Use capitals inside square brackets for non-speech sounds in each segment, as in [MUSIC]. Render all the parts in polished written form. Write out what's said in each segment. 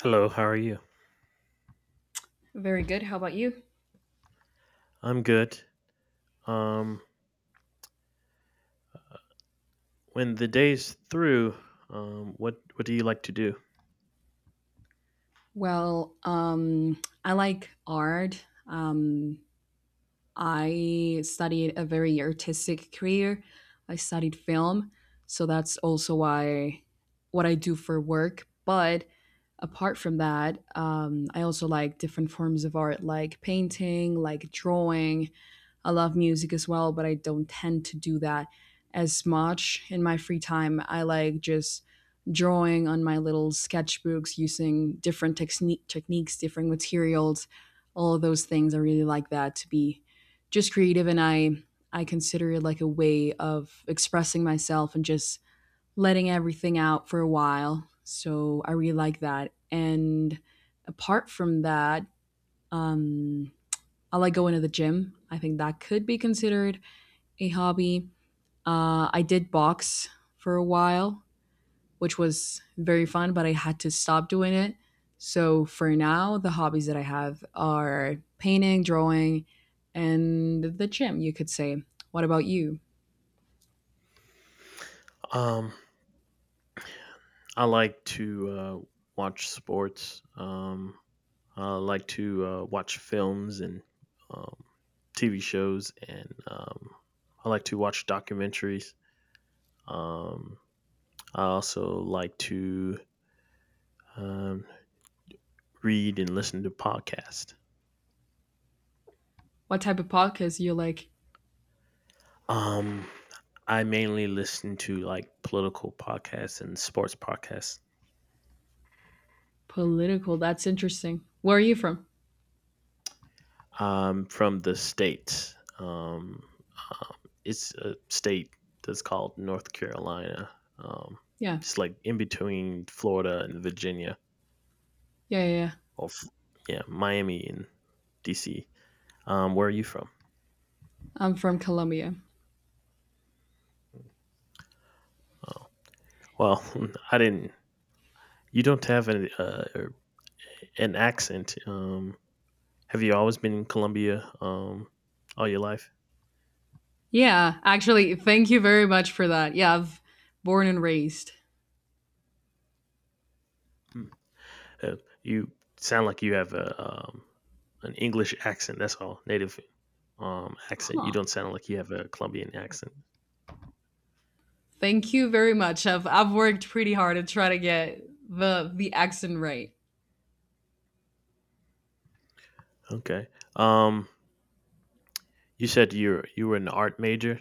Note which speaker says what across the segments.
Speaker 1: Hello, how are you?
Speaker 2: Very good. How about you?
Speaker 1: I'm good. Um, when the day's through, what do you like to do?
Speaker 2: Well, I like art. I studied a very artistic career. I studied film, so that's also why what I do for work. But apart from that, I also like different forms of art, like painting, like drawing. I love music as well, but I don't tend to do that as much in my free time. I like just drawing on my little sketchbooks using different techniques, different materials, all of those things. I really like that to be just creative, and I consider it like a way of expressing myself and just letting everything out for a while. So I really like that. And apart from that, um, I like going to the gym. I think that could be considered a hobby. I did box for a while, which was very fun, but I had to stop doing it. So for now, the hobbies that I have are painting, drawing, and the gym, you could say. What about you?
Speaker 1: Um, I like to watch sports. I like to watch films and um, TV shows, and I like to watch documentaries. Um, I also like to um, read and listen to podcasts.
Speaker 2: What type of podcast you like?
Speaker 1: Um, I mainly listen to like political podcasts and sports podcasts.
Speaker 2: Political. That's interesting. Where are you from?
Speaker 1: I'm from the state. Um, it's a state that's called North Carolina. Um,
Speaker 2: Yeah.
Speaker 1: it's like in between Florida and Virginia,
Speaker 2: Yeah. Yeah. Yeah.
Speaker 1: or yeah, Miami and DC. Where are you from?
Speaker 2: I'm from Colombia.
Speaker 1: Oh, well, [LAUGHS] I didn't. You don't have an accent. Have you always been in Colombia all your life?
Speaker 2: Yeah. Actually, thank you very much for that. Yeah. I've born and raised.
Speaker 1: Hmm. Uh, you sound like you have a an English accent. That's all, native accent. You
Speaker 2: Huh.
Speaker 1: don't sound like you have a Colombian accent.
Speaker 2: Thank you very much. I've worked pretty hard to try to get the accent right.
Speaker 1: Okay. Um you said you were an art major.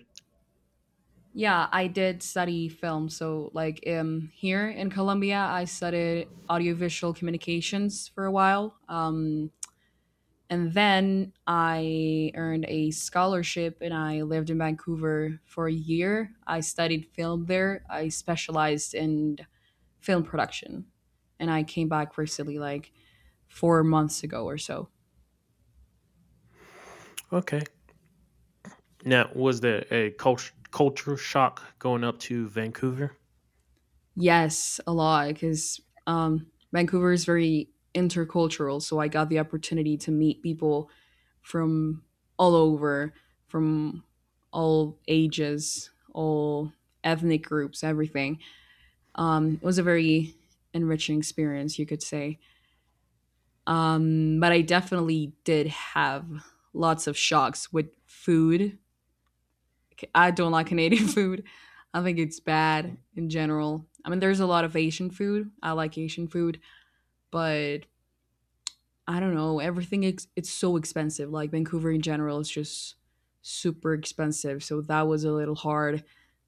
Speaker 2: Yeah, I did study film. So, like, here in Colombia, I studied audiovisual communications for a while. And then I earned a scholarship and I lived in Vancouver for a year. I studied film there. I specialized in film production. And I came back recently, like 4 months ago or so.
Speaker 1: Okay. Now, was there a culture shock going up to Vancouver?
Speaker 2: Yes, a lot, because Vancouver is very intercultural. So I got the opportunity to meet people from all over, from all ages, all ethnic groups, everything. It was a very enriching experience, you could say. But I definitely did have lots of shocks with food. I don't like Canadian [LAUGHS] food. I think it's bad in general. I mean, there's a lot of Asian food. I like Asian food, but I don't know, everything it's so expensive. Like Vancouver in general is just super expensive. So that was a little hard.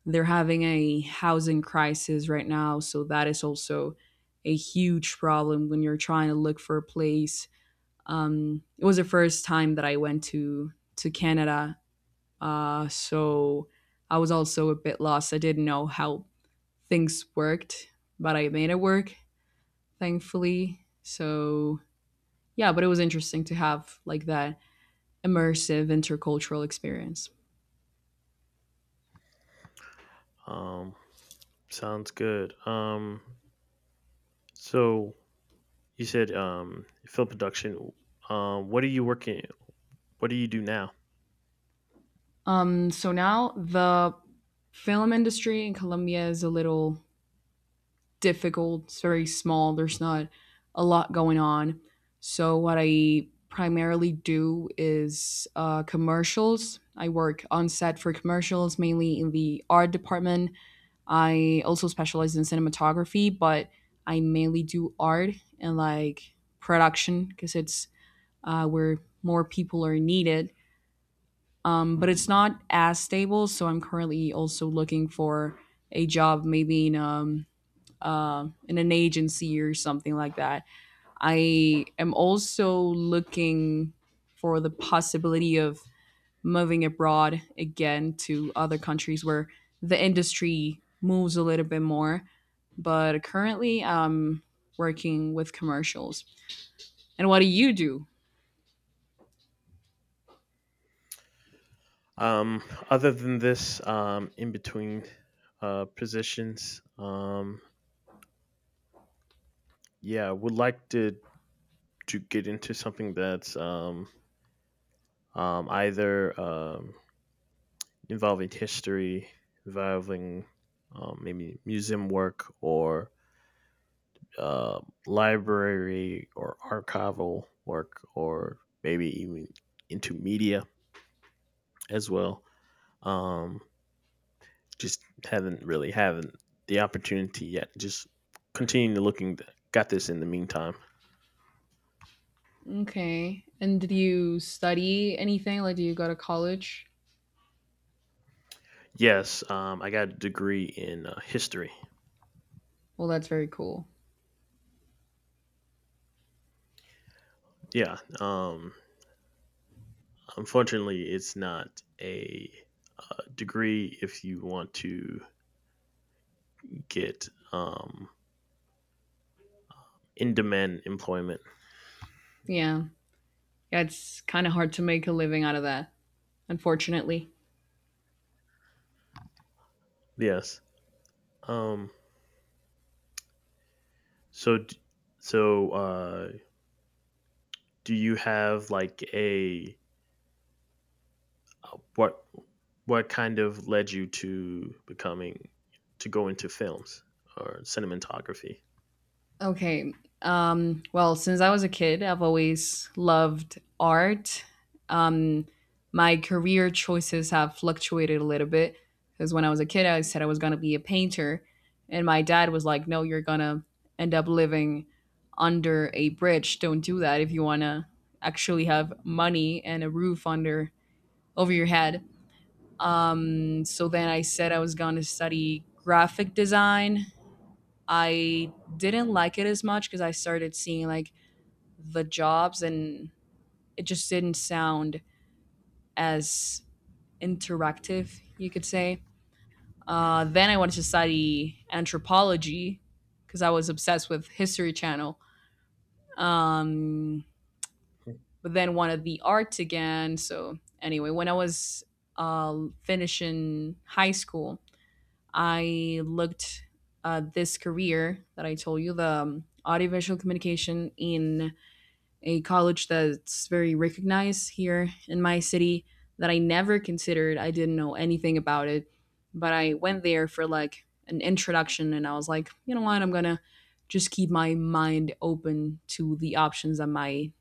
Speaker 2: They're having a housing crisis right now, so that is also a huge problem when you're trying to look for a place. It was the first time that I went to Canada, so I was also a bit lost. I didn't know how things worked, but I made it work, thankfully. So yeah, but it was interesting to have like that immersive intercultural experience.
Speaker 1: Um Sounds good. So you said film production. Um what are you working what do you do now?
Speaker 2: So now the film industry in Colombia is a little difficult. It's very small. There's not a lot going on. So what I primarily do is commercials. I work on set for commercials, mainly in the art department. I also specialize in cinematography, but I mainly do art and like production because it's where more people are needed, but it's not as stable. So I'm currently also looking for a job, maybe in an agency or something like that. I am also looking for the possibility of moving abroad again to other countries where the industry moves a little bit more. But currently, I'm working with commercials. And what do you do?
Speaker 1: Um Other than this in between positions, yeah, I would like to get into something that's either involving history, involving maybe museum work or uh, library or archival work, or maybe even into media as well. Um, just haven't the opportunity yet. Just continue to looking. Got this in the meantime.
Speaker 2: Okay. And did you study anything? Like, do you go to college?
Speaker 1: Yes, I got a degree in history.
Speaker 2: Well, that's very cool.
Speaker 1: Yeah, unfortunately, it's not a degree if you want to get in demand employment.
Speaker 2: Yeah. Yeah, it's kind of hard to make a living out of that, unfortunately.
Speaker 1: Yes. Um, so, d- so uh, do you have like a what? What kind of led you to becoming to go into films or cinematography?
Speaker 2: Okay. Well, since I was a kid, I've always loved art. Um, my career choices have fluctuated a little bit because when I was a kid, I said I was going to be a painter. And my dad was like, no, you're going to end up living under a bridge. Don't do that if you want to actually have money and a roof under over your head. So then I said I was going to study graphic design. I didn't like it as much because I started seeing like the jobs and it just didn't sound as interactive, you could say. Then I wanted to study anthropology because I was obsessed with History Channel. Um, but then wanted the arts again. So anyway, when I was finishing high school, I looked at this career that I told you, the audiovisual communication in a college that's very recognized here in my city that I never considered. I didn't know anything about it, but I went there for like an introduction and I was like, you know what? I'm going to just keep my mind open to the options that might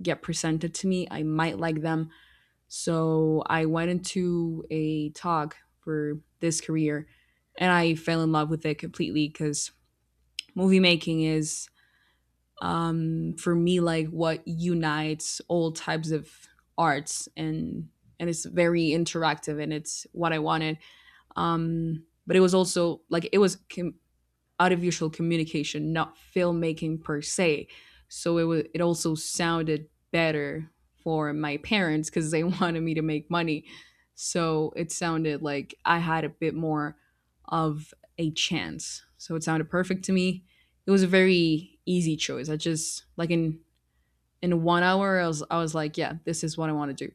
Speaker 2: get presented to me. I might like them. So I went into a talk for this career and I fell in love with it completely because movie making is, for me, like what unites all types of arts, and it's very interactive and it's what I wanted. But it was also like it was audiovisual communication, not filmmaking per se. So it was it also sounded better for my parents because they [LAUGHS] wanted me to make money. So it sounded like I had a bit more of a chance. So it sounded perfect to me. It was a very easy choice. I just like in 1 hour I was like, yeah, this is what I want to do.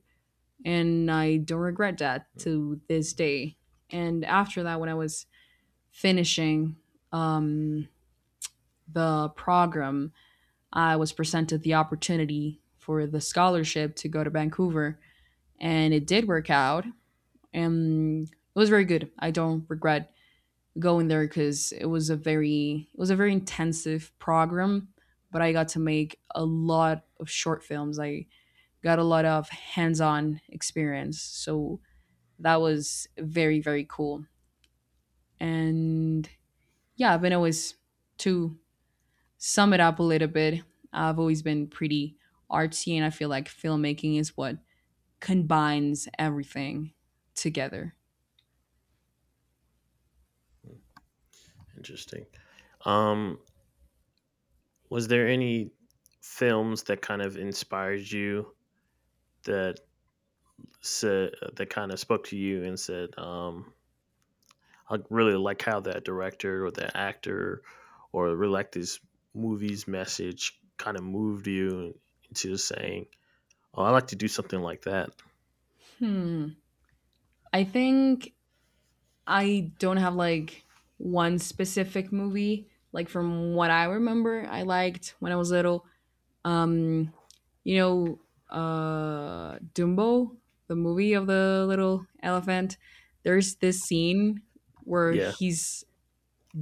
Speaker 2: And I don't regret that
Speaker 1: Hmm,
Speaker 2: to this day. And after that when I was finishing um the program, I was presented the opportunity for the scholarship to go to Vancouver, and it did work out, and it was very good. I don't regret going there because it was a very intensive program, but I got to make a lot of short films. I got a lot of hands-on experience, so that was very very cool. And yeah, I've been always to sum it up a little bit, I've always been pretty artsy, and I feel like filmmaking is what combines everything together.
Speaker 1: interesting. Um, was there any films that kind of inspired you that said that kind of spoke to you and said, "I really like how that director or that actor, or really like this movie's message, kind of moved you into saying." Oh, I like to do something like that.
Speaker 2: Hmm. I think I don't have like one specific movie. Like from what I remember, I liked when I was little. Um, you know, Dumbo, the movie of the little elephant. There's this scene where
Speaker 1: Yeah.
Speaker 2: he's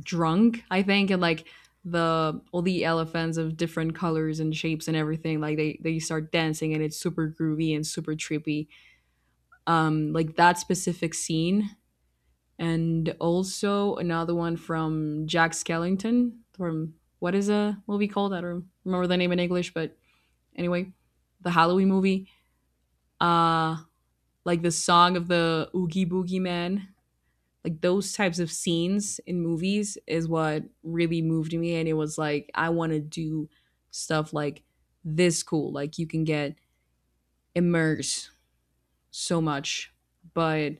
Speaker 2: drunk, I think, and like the all the elephants of different colors and shapes and everything, like they start dancing and it's super groovy and super trippy, like that specific scene. And also another one from Jack Skellington, from what is a movie called, I don't remember the name in English, but anyway, the Halloween movie, uh like the song of the Oogie Boogie Man. Like those types of scenes in movies is what really moved me, and it was like, I want to do stuff like this. Cool, like you can get immersed so much. But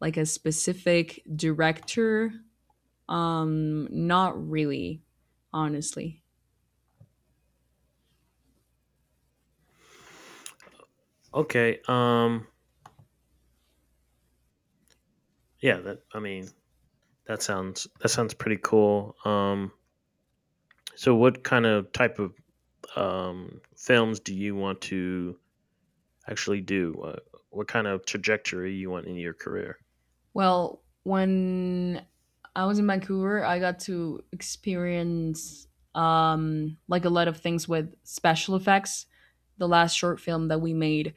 Speaker 2: like a specific director, not really, honestly.
Speaker 1: Okay. Yeah. That. I mean, that sounds pretty cool. So, what kind of type of films do you want to actually do? What kind of trajectory you want in your career?
Speaker 2: Well, when I was in Vancouver, I got to experience, like, a lot of things with special effects. The last short film that we made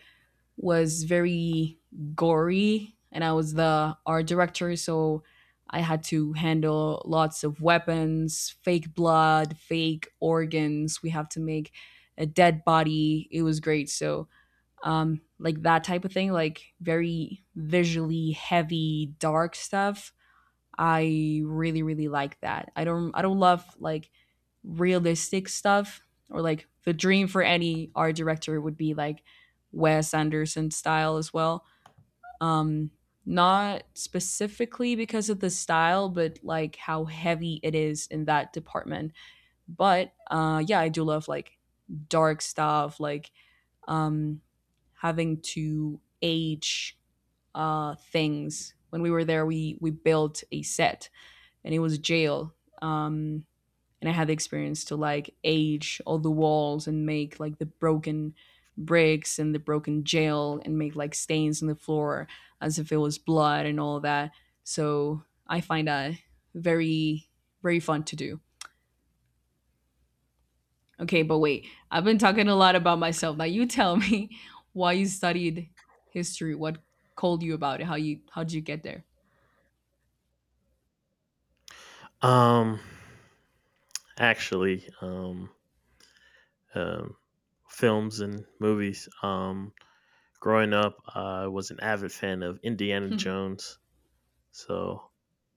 Speaker 2: was very gory, and I was the art director, so I had to handle lots of weapons, fake blood, fake organs. We have to make a dead body. It was great. So, like that type of thing, like very visually heavy, dark stuff. I really really like that. I don't love like realistic stuff, or like the dream for any art director would be like Wes Anderson style as well. Um Not specifically because of the style, but like how heavy it is in that department. But yeah, I do love like dark stuff, like, um having to age things. When we were there we built a set and it was jail. Um, and I had the experience to like age all the walls and make like the broken bricks and the broken jail and make like stains on the floor as if it was blood and all that. So I find that very, very fun to do. Okay, but wait, I've been talking a lot about myself. Now you tell me [LAUGHS] why you studied history, what called you about it, how did you get there?
Speaker 1: Um. Actually um, films and movies. Growing up, I was an avid fan of Indiana Jones, so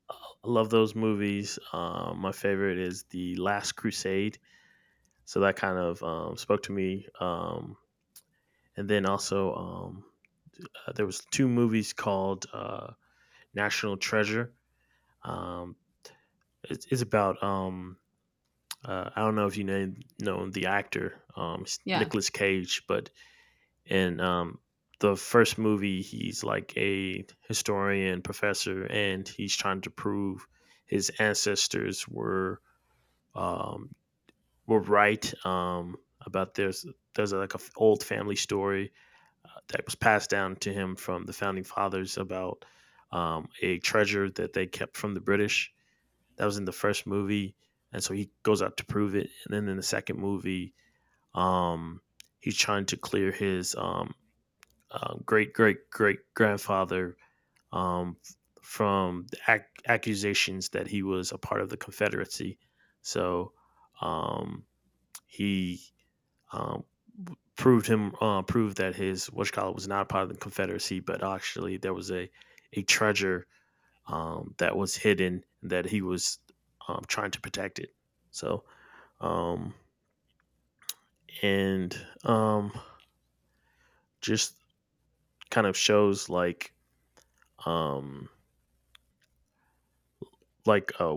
Speaker 1: I love those movies. My favorite is The Last Crusade, so that kind of spoke to me. And then also, there was two movies called National Treasure. Um, it's about I don't know if you know the actor
Speaker 2: [LAUGHS] Yeah.
Speaker 1: Nicholas Cage, but and the first movie he's like a historian professor and he's trying to prove his ancestors um were right about there's like a old family story that was passed down to him from the founding fathers about a treasure that they kept from the British. That was in the first movie, and so he goes out to prove it. And then in the second movie, um, he's trying to clear his great great great grandfather um, from the accusations that he was a part of the Confederacy. So um, he um, proved him proved that his what you call it was not a part of the Confederacy, but actually there was a treasure that was hidden that he was trying to protect it. So um, and um, just kind of shows like um, like uh,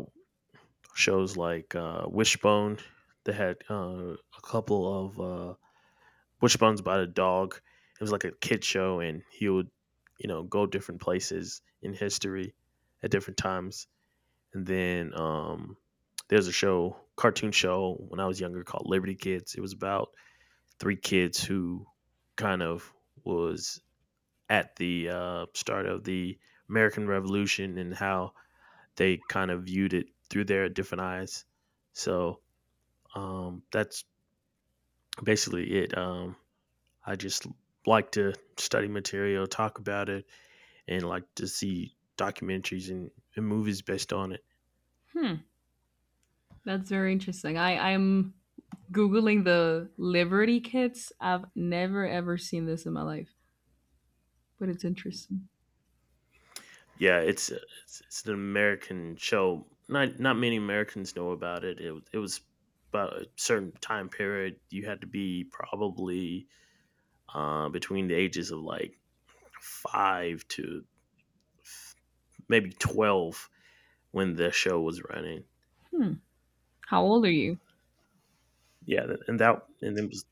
Speaker 1: shows like Wishbone. They had a couple of Wishbones about a dog. It was like a kid show, and he would, you know, go different places in history at different times. And then there's a show, cartoon show when I was younger called Liberty Kids. It was about three kids who kind of was at the start of the American Revolution and how they kind of viewed it through their different eyes. So that's basically it. I just like to study material, talk about it, and like to see documentaries and movies based on it.
Speaker 2: Hmm. That's very interesting. I'm googling the Liberty Kits. I've never ever seen this in my life, but it's interesting.
Speaker 1: Yeah, it's an American show. Not many Americans know about it. It was about a certain time period. You had to be probably between the ages of like five to maybe 12 when the show was running.
Speaker 2: Hmm. How old are you?
Speaker 1: Yeah, and that and then was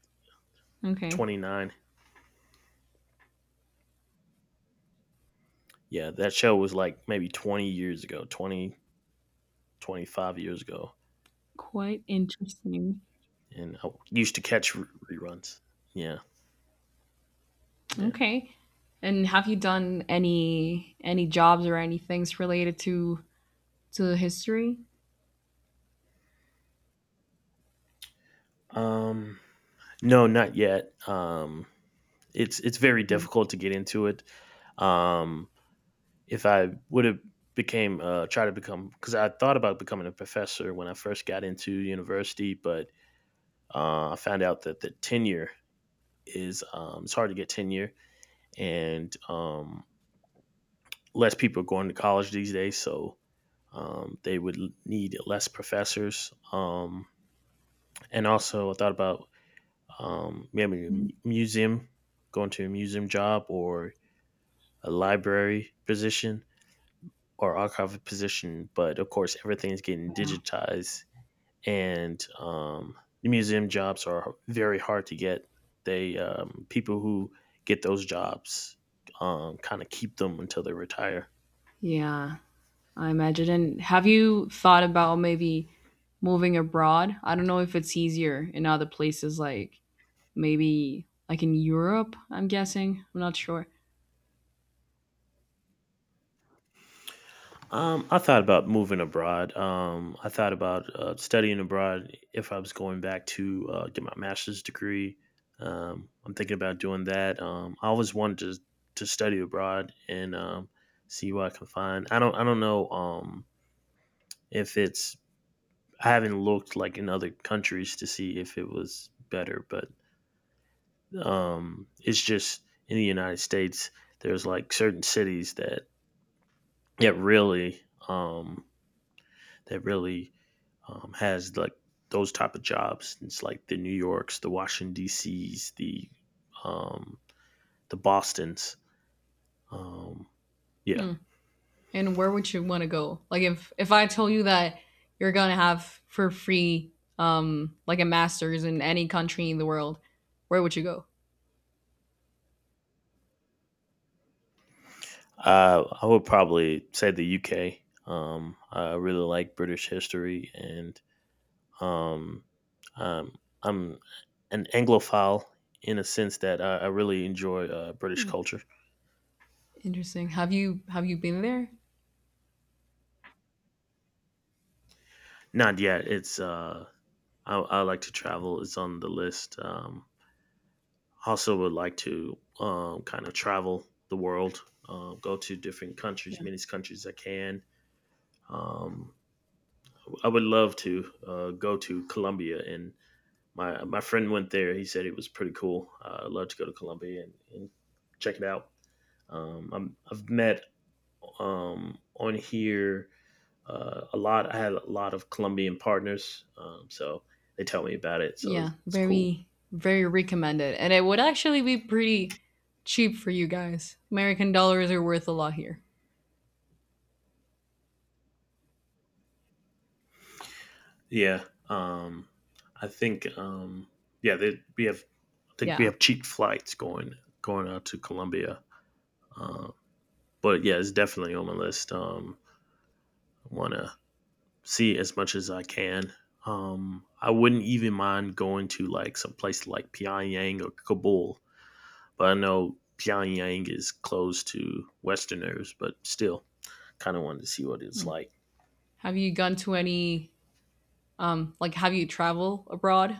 Speaker 2: Okay.
Speaker 1: 29. Yeah, that show was like maybe 20 years ago, 20 25 years ago.
Speaker 2: Quite interesting.
Speaker 1: And I used to catch reruns. Yeah, yeah.
Speaker 2: Okay. And have you done any jobs or any things related to history?
Speaker 1: Um, no, not yet. It's very
Speaker 2: Yeah.
Speaker 1: difficult to get into it. Um, if I would have became try to become because I thought about becoming a professor when I first got into university, but I found out that the tenure is it's hard to get tenure, and less people are going to college these days. So they would need less professors. And also, I thought about maybe a museum, going to a museum job or a library position or archive position. But of course, everything's getting digitized, and the museum jobs are very hard to get. They People who get those jobs kind of keep them until they retire.
Speaker 2: Yeah, I imagine. And have you thought about maybe moving abroad? I don't know if it's easier in other places, like maybe like in Europe, I'm guessing. I'm not sure.
Speaker 1: I thought about moving abroad. I thought about studying abroad if I was going back to get my master's degree. I'm thinking about doing that. I always wanted to study abroad and see what I can find. I don't know if it's I haven't looked like in other countries to see if it was better, but it's just in the United States there's like certain cities that really um, that really has like those type of jobs. It's like the New Yorks, the Washington D.C.s, um, the Boston's. Um, yeah,
Speaker 2: Hmm. And where would you want to go? Like, if I told you that you're gonna have for free, like, a master's in any country in the world, where would you go?
Speaker 1: I would probably say the U.K. I really like British history, and um, um, I'm an Anglophile in a sense that I really enjoy British
Speaker 2: Hmm,
Speaker 1: culture.
Speaker 2: interesting. Have you been there?
Speaker 1: Not yet. I like to travel. It's on the list. Also would like to kind of travel the world, go to different countries,
Speaker 2: Yeah.
Speaker 1: many countries I can. Um, I would love to go to Colombia, and my friend went there. He said it was pretty cool. I'd love to go to Colombia and check it out. I've met on here a lot. I had a lot of Colombian partners, so they tell me about it.
Speaker 2: Yeah,
Speaker 1: It's cool.
Speaker 2: very recommended, and it would actually be pretty cheap for you guys. American dollars are worth a lot here.
Speaker 1: Yeah. I think yeah, they, we have I think we
Speaker 2: Yeah.
Speaker 1: have cheap flights going out to Colombia. Uh, but yeah, it's definitely on my list. I want to see as much as I can. I wouldn't even mind going to like some place like Pyongyang or Kabul, but I know Pyongyang is closed to Westerners. But still, kind of wanted to see what it's like.
Speaker 2: Have you gone to any like have you traveled abroad?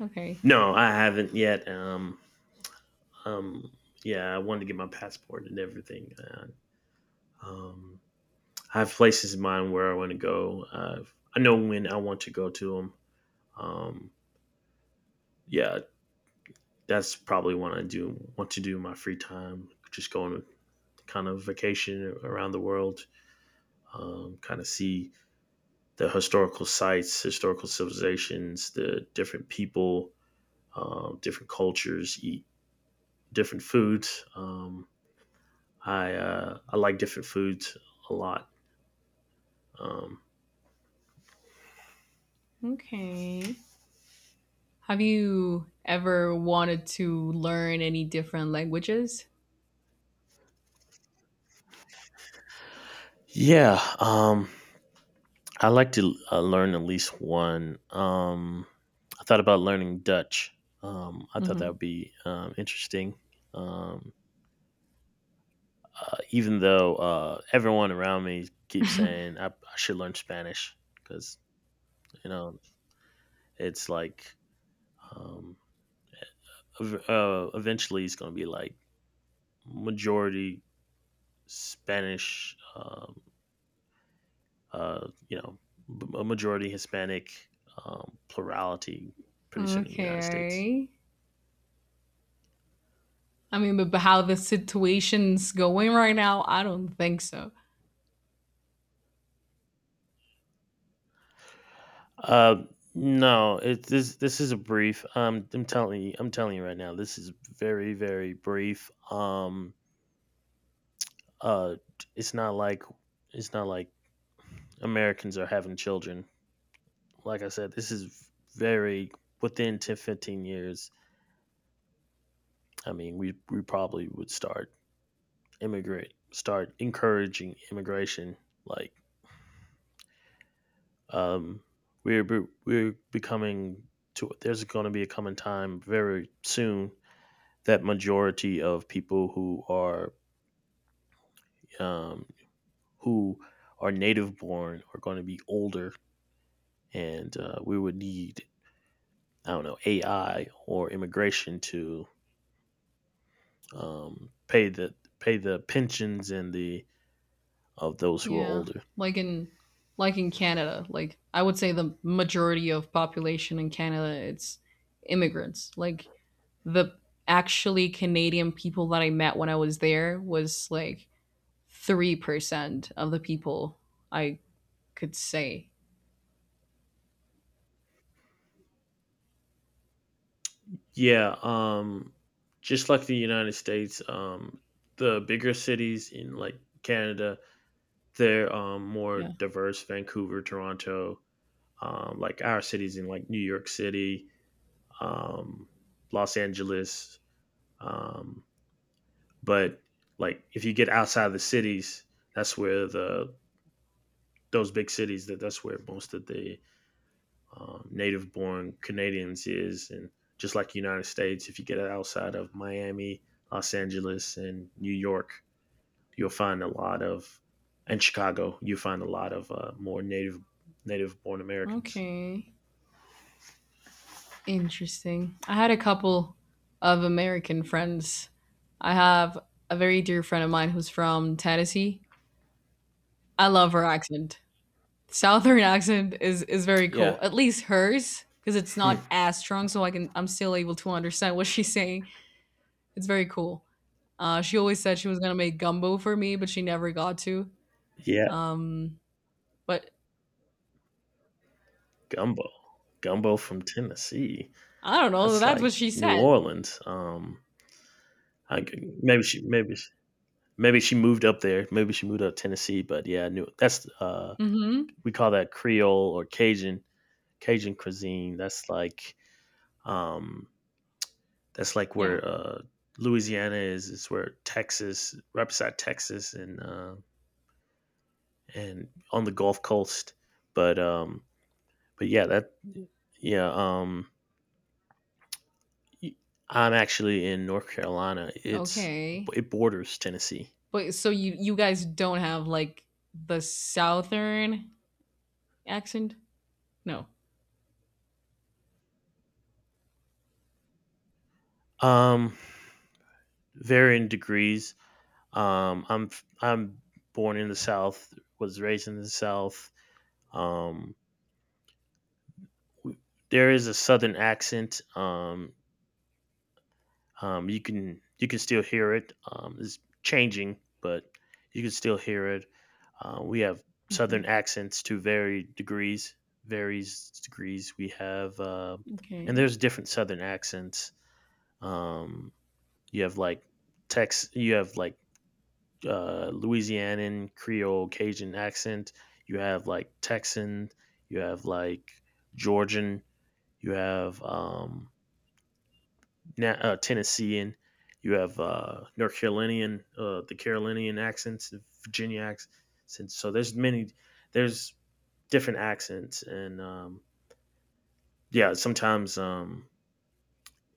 Speaker 2: Okay.
Speaker 1: No, I haven't yet. Um, yeah, I wanted to get my passport and everything. Um, I have places in mind where I want to go. I know when I want to go to them. Um, yeah, that's probably what I do want to do in my free time. Just go on a kind of vacation around the world, kind of see the historical sites, historical civilizations, the different people, different cultures, eat different foods. I like different foods a lot. Um,
Speaker 2: Okay. Have you ever wanted to learn any different languages?
Speaker 1: Yeah, I like to learn at least one. I thought about learning Dutch. I thought that would
Speaker 2: Hmm.
Speaker 1: be interesting. Um, Even though everyone around me keeps saying I should learn Spanish because you know it's like um, eventually it's going to be like majority Spanish you know, a majority Hispanic plurality pretty soon in the United States.
Speaker 2: Okay. I mean, but how the situation's going right now, I don't think so.
Speaker 1: Uh, no, this this is a brief. I'm telling you right now, this is very very brief. Uh, it's not like it's not like Americans are having children. Like I said, this is very within 10 to 15 years. I mean, we probably would start immigrate, start encouraging immigration like Um, we're becoming to there's going to be a coming time very soon that majority of people who are um, who are native born are going to be older, and we would need I don't know AI or immigration to pay the pensions and the of those who are
Speaker 2: Yeah.
Speaker 1: older.
Speaker 2: Like in like in Canada, like I would say the majority of population in Canada it's immigrants. Like the actually Canadian people that I met when I was there was like 3% of the people I could say.
Speaker 1: Yeah, um, just like the United States, the bigger cities in like Canada, they're, more
Speaker 2: Yeah.
Speaker 1: diverse. Vancouver, Toronto, like our cities in like New York City, um, Los Angeles. Um, but like if you get outside of the cities, that's where the those big cities, that's where most of the native born Canadians is. And just like the United States, if you get outside of Miami, Los Angeles and New York, you'll find a lot of, and Chicago, you find a lot of more native born Americans.
Speaker 2: Okay. Interesting. I had a couple of American friends. I have a very dear friend of mine who's from Tennessee. I love her accent. Southern [LAUGHS] accent is very
Speaker 1: Yeah.
Speaker 2: cool. At least hers, because it's
Speaker 1: Hmm.
Speaker 2: not as strong, so I can I'm still able to understand [LAUGHS] what she's saying. It's very cool. She always said she was gonna make gumbo for me, but she never got to.
Speaker 1: Yeah,
Speaker 2: Um, but
Speaker 1: gumbo, gumbo from Tennessee.
Speaker 2: I don't know.
Speaker 1: That's
Speaker 2: That's what
Speaker 1: like
Speaker 2: she
Speaker 1: New
Speaker 2: said.
Speaker 1: Orleans. I, maybe maybe she moved up there. Maybe she moved up to Tennessee. But yeah, New that's
Speaker 2: Mm-hmm.
Speaker 1: We call that Creole or Cajun cuisine. Um that's like
Speaker 2: Yeah.
Speaker 1: where Louisiana is. It's where Texas right beside Texas, and on the Gulf Coast. But um, but yeah, that yeah. I'm actually in North Carolina. It's
Speaker 2: Okay.
Speaker 1: it borders Tennessee.
Speaker 2: But so you guys don't have like the southern accent? No.
Speaker 1: Um, Varying degrees. Um, I'm I'm born in the South, was raised in the South. Um, there is a Southern accent. You can still hear it. It's changing, but you can still hear it. We have Southern
Speaker 2: Hmm.
Speaker 1: accents to varied degrees. We have, and
Speaker 2: Okay.
Speaker 1: there's different Southern accents. Um, you have like Tex, you have like Louisianan Creole Cajun accent. You have like Texan. You have like Georgian. You have Tennessean. You have North Carolinian, the Carolinian accents, the Virginia accents. So there's many there's different accents. and um yeah sometimes um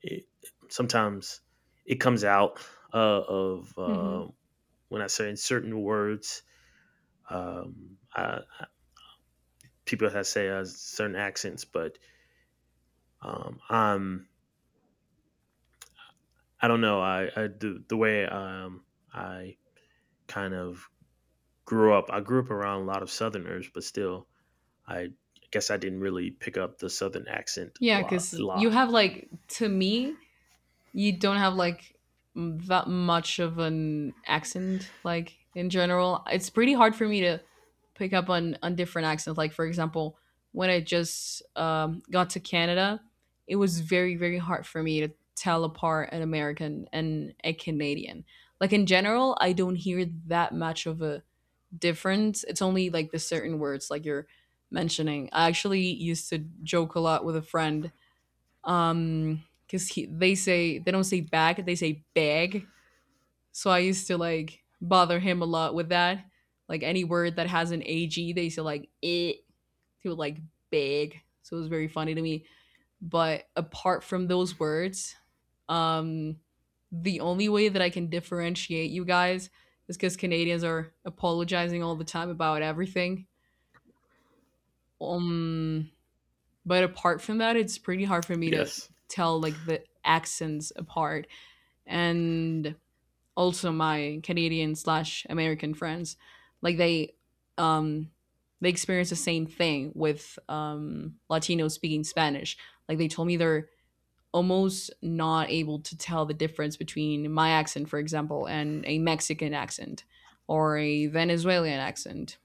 Speaker 1: it, sometimes it comes out of
Speaker 2: Hmm.
Speaker 1: when I say in certain words. Um I- people that say certain accents but I'm I don't know I the way I kind of grew up I grew up around a lot of southerners, but still i I didn't really pick up the southern accent a
Speaker 2: Yeah,
Speaker 1: lot, a
Speaker 2: because you
Speaker 1: lot.
Speaker 2: have like to me, you don't have like that much of an accent, like in general it's pretty hard for me to pick up on different accents, like for example when I just got to Canada it was very hard for me to tell apart an American and a Canadian. Like in general I don't hear that much of a difference, it's only like the certain words like you're mentioning. I actually used to joke a lot with a friend because he they say they don't say bag, they say bag, so I used to like bother him a lot with that. Like any word that has an ag they say like it, he would like big, so it was very funny to me. But apart from those words, um the only way that I can differentiate you guys is because Canadians are apologizing all the time about everything. um but apart from that, it's pretty hard for me to
Speaker 1: Yes.
Speaker 2: tell like the accents apart. And also my Canadian slash American friends, like um they experience the same thing with Latinos speaking Spanish. Like they told me they're almost not able to tell the difference between my accent, for example, and a Mexican accent or a Venezuelan accent.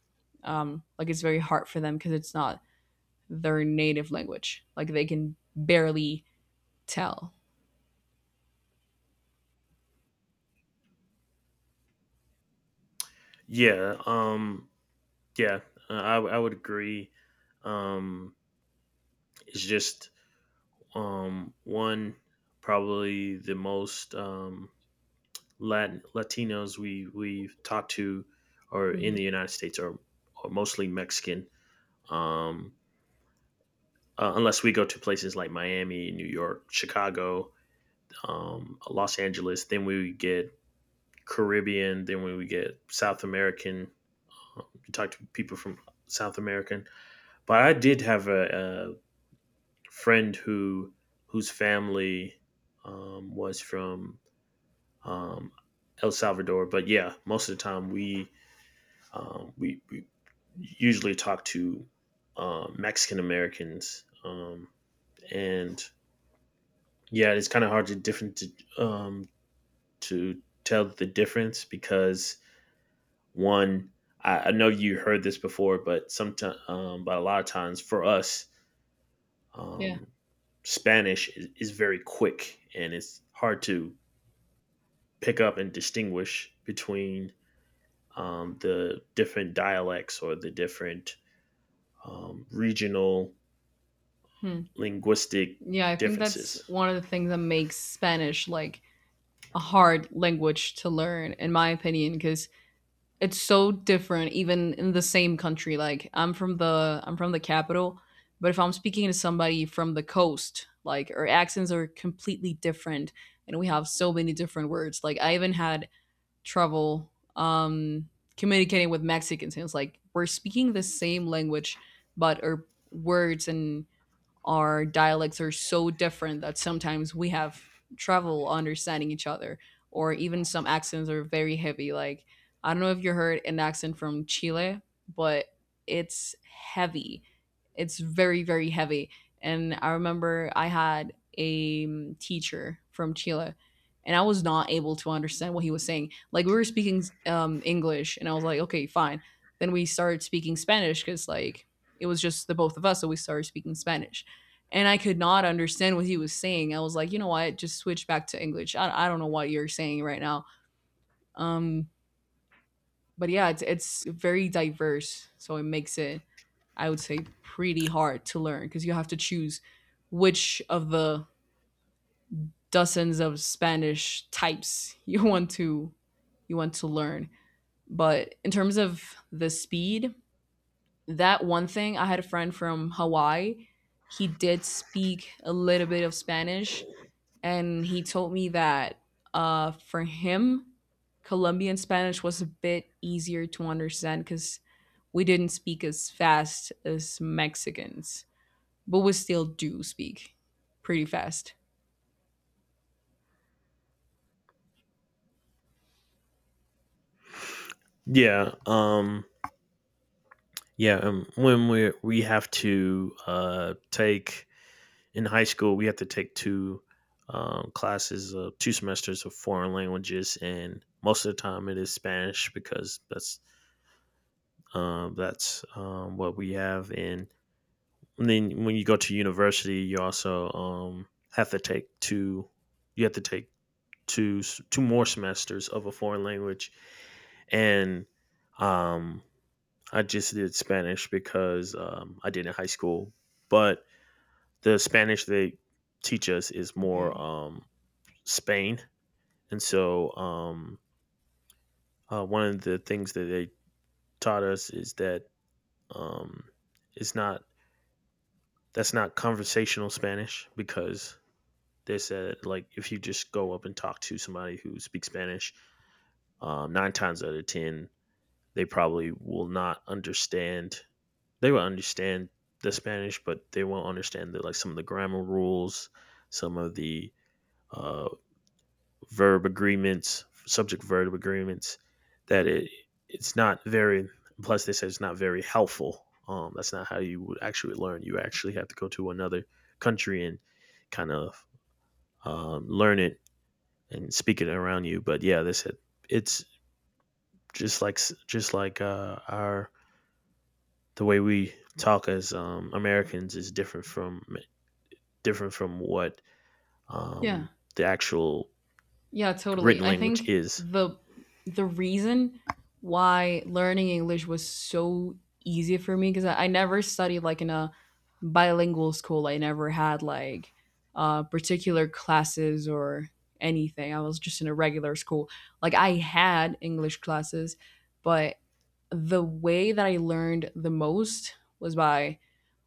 Speaker 2: Like it's very hard for them because it's not their native language. Like they can barely tell.
Speaker 1: Yeah. Yeah, I would agree. Um, it's just one Probably the most Latinos we've talked to, or in
Speaker 2: Mm-hmm.
Speaker 1: the United States, are mostly Mexican. Um, Unless we go to places like Miami, New York, Chicago, Los Angeles, then we get Caribbean, then we would get South American. You talk to people from South American, but I did have a friend whose family was from um, El Salvador. But yeah, most of the time we usually talk to Mexican Americans, and yeah, it's kind of hard to different um, to tell the difference because one, I know you heard this before, but a lot of times for us,
Speaker 2: Yeah.
Speaker 1: um, Spanish is very quick and it's hard to pick up and distinguish between the different dialects or the different regional
Speaker 2: Hmm.
Speaker 1: linguistic
Speaker 2: Yeah, I think that's
Speaker 1: differences.
Speaker 2: one of the things that makes Spanish like a hard language to learn, in my opinion, because it's so different even in the same country. Like I'm from the capital, but if I'm speaking to somebody from the coast, like our accents are completely different and we have so many different words. Like I even had trouble communicating with Mexicans, and it's like we're speaking the same language but our words and our dialects are so different that sometimes we have trouble understanding each other, or even some accents are very heavy. Like, I don't know if you heard an accent from Chile, but it's heavy it's very heavy. And I remember I had a teacher from Chile and I was not able to understand what he was saying. Like we were speaking English and I was like, okay, fine. Then we started speaking Spanish because like it was just the both of us. So we started speaking Spanish and I could not understand what he was saying. I was like, you know what? Just switch back to English. I don't know what you're saying right now. Um, but yeah, it's very diverse, so it makes it, I would say, pretty hard to learn because you have to choose which of the dozens of Spanish types [LAUGHS] you want to learn. But in terms of the speed, that one thing, I had a friend from Hawaii. He did speak a little bit of Spanish, and he told me that for him, Colombian Spanish was a bit easier to understand because we didn't speak as fast as Mexicans, but we still do speak pretty fast.
Speaker 1: Yeah, um, when we have to take in high school, we have to take two classes of two semesters of foreign languages, and most of the time it is Spanish, because that's what we have in. And then when you go to university, you also have to take two. You have to take two more semesters of a foreign language, and um, I just did Spanish because I did in high school. But the Spanish they teach us is more
Speaker 2: Okay.
Speaker 1: Spain, and so one of the things that they taught us is that um, it's not that's not conversational Spanish, because they said like if you just go up and talk to somebody who speaks Spanish, nine times out of ten they probably will not understand. They will understand the Spanish, but they won't understand the like some of the grammar rules, some of the uh, verb agreements, subject verb agreements. That it it's not very. Plus, they said it's not very helpful. That's not how you would actually learn. You actually have to go to another country and kind of learn it and speak it around you. But yeah, this it, it's just like just like our the way we talk as Americans is different from what
Speaker 2: Yeah.
Speaker 1: um, the actual
Speaker 2: Yeah, totally.
Speaker 1: written
Speaker 2: I
Speaker 1: language
Speaker 2: think
Speaker 1: is.
Speaker 2: the reason why learning English was so easy for me, because I never studied like in a bilingual school. I never had like particular classes or anything. I was just in a regular school. Like I had English classes, but the way that I learned the most was by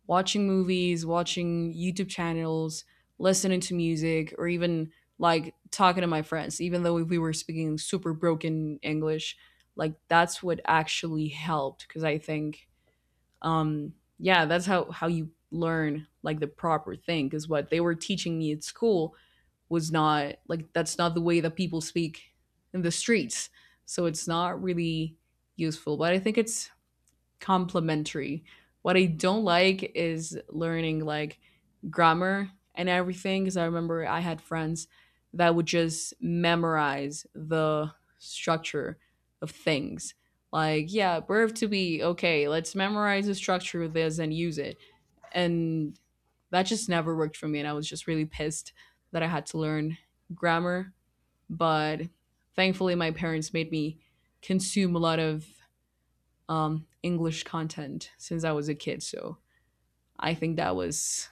Speaker 2: watching movies, watching YouTube channels, listening to music, or even like talking to my friends, even though we were speaking super broken English. Like that's what actually helped, because I think, yeah, that's how you learn like the proper thing. Because what they were teaching me at school was not like that's not the way that people speak in the streets, so it's not really useful. But I think it's complementary. What I don't like is learning like grammar and everything, because I remember I had friends that would just memorize the structure of things. Like, yeah, verb to be, okay, let's memorize the structure of this and use it. And that just never worked for me. And I was just really pissed that I had to learn grammar. But thankfully, my parents made me consume a lot of English content since I was a kid. So I think that was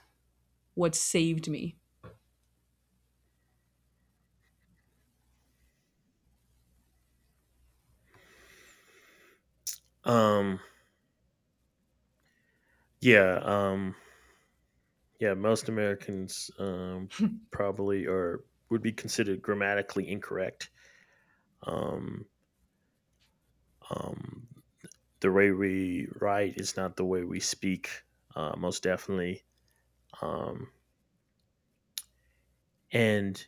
Speaker 2: what saved me.
Speaker 1: Um, yeah, um, yeah. Most Americans probably are would be considered grammatically incorrect. Um, um, the way we write is not the way we speak. Most definitely. Um, and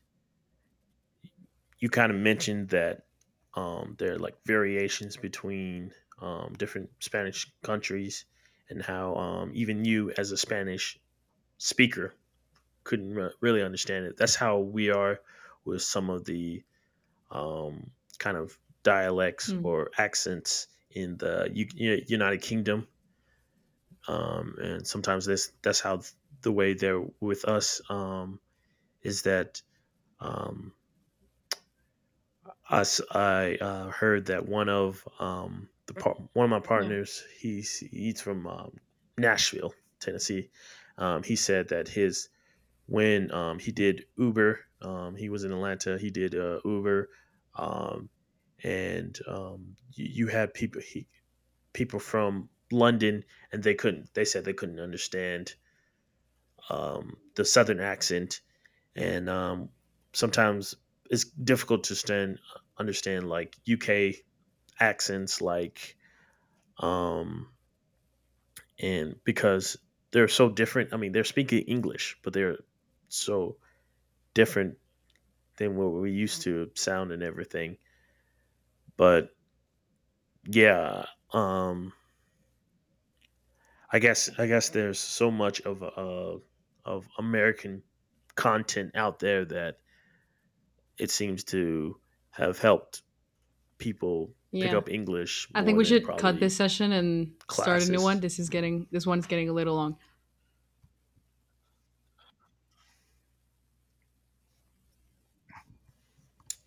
Speaker 1: you kind of mentioned that there are like variations between different Spanish countries, and how even you as a Spanish speaker couldn't really understand it. That's how we are with some of the um, kind of dialects
Speaker 2: Hmm.
Speaker 1: or accents in the United Kingdom. And sometimes this that's how the way they're with us is that um, heard that one of one of my
Speaker 2: Yeah.
Speaker 1: partners, he's from Nashville, Tennessee. He said that his when he did Uber, he was in Atlanta. He did Uber, um, and you had people from London, and they couldn't. They said they couldn't understand the Southern accent. And um, sometimes it's difficult to stand understand like UK accents, like um and because they're so different. I mean, they're speaking English, but they're so different than what we used to sound and everything. But yeah um I guess there's so much of American content out there that it seems to have helped people pick
Speaker 2: Yeah.
Speaker 1: up English
Speaker 2: I think
Speaker 1: more
Speaker 2: we
Speaker 1: than
Speaker 2: should cut
Speaker 1: probably
Speaker 2: this session and start a new one.
Speaker 1: classes. Mm.
Speaker 2: This one's getting a little long.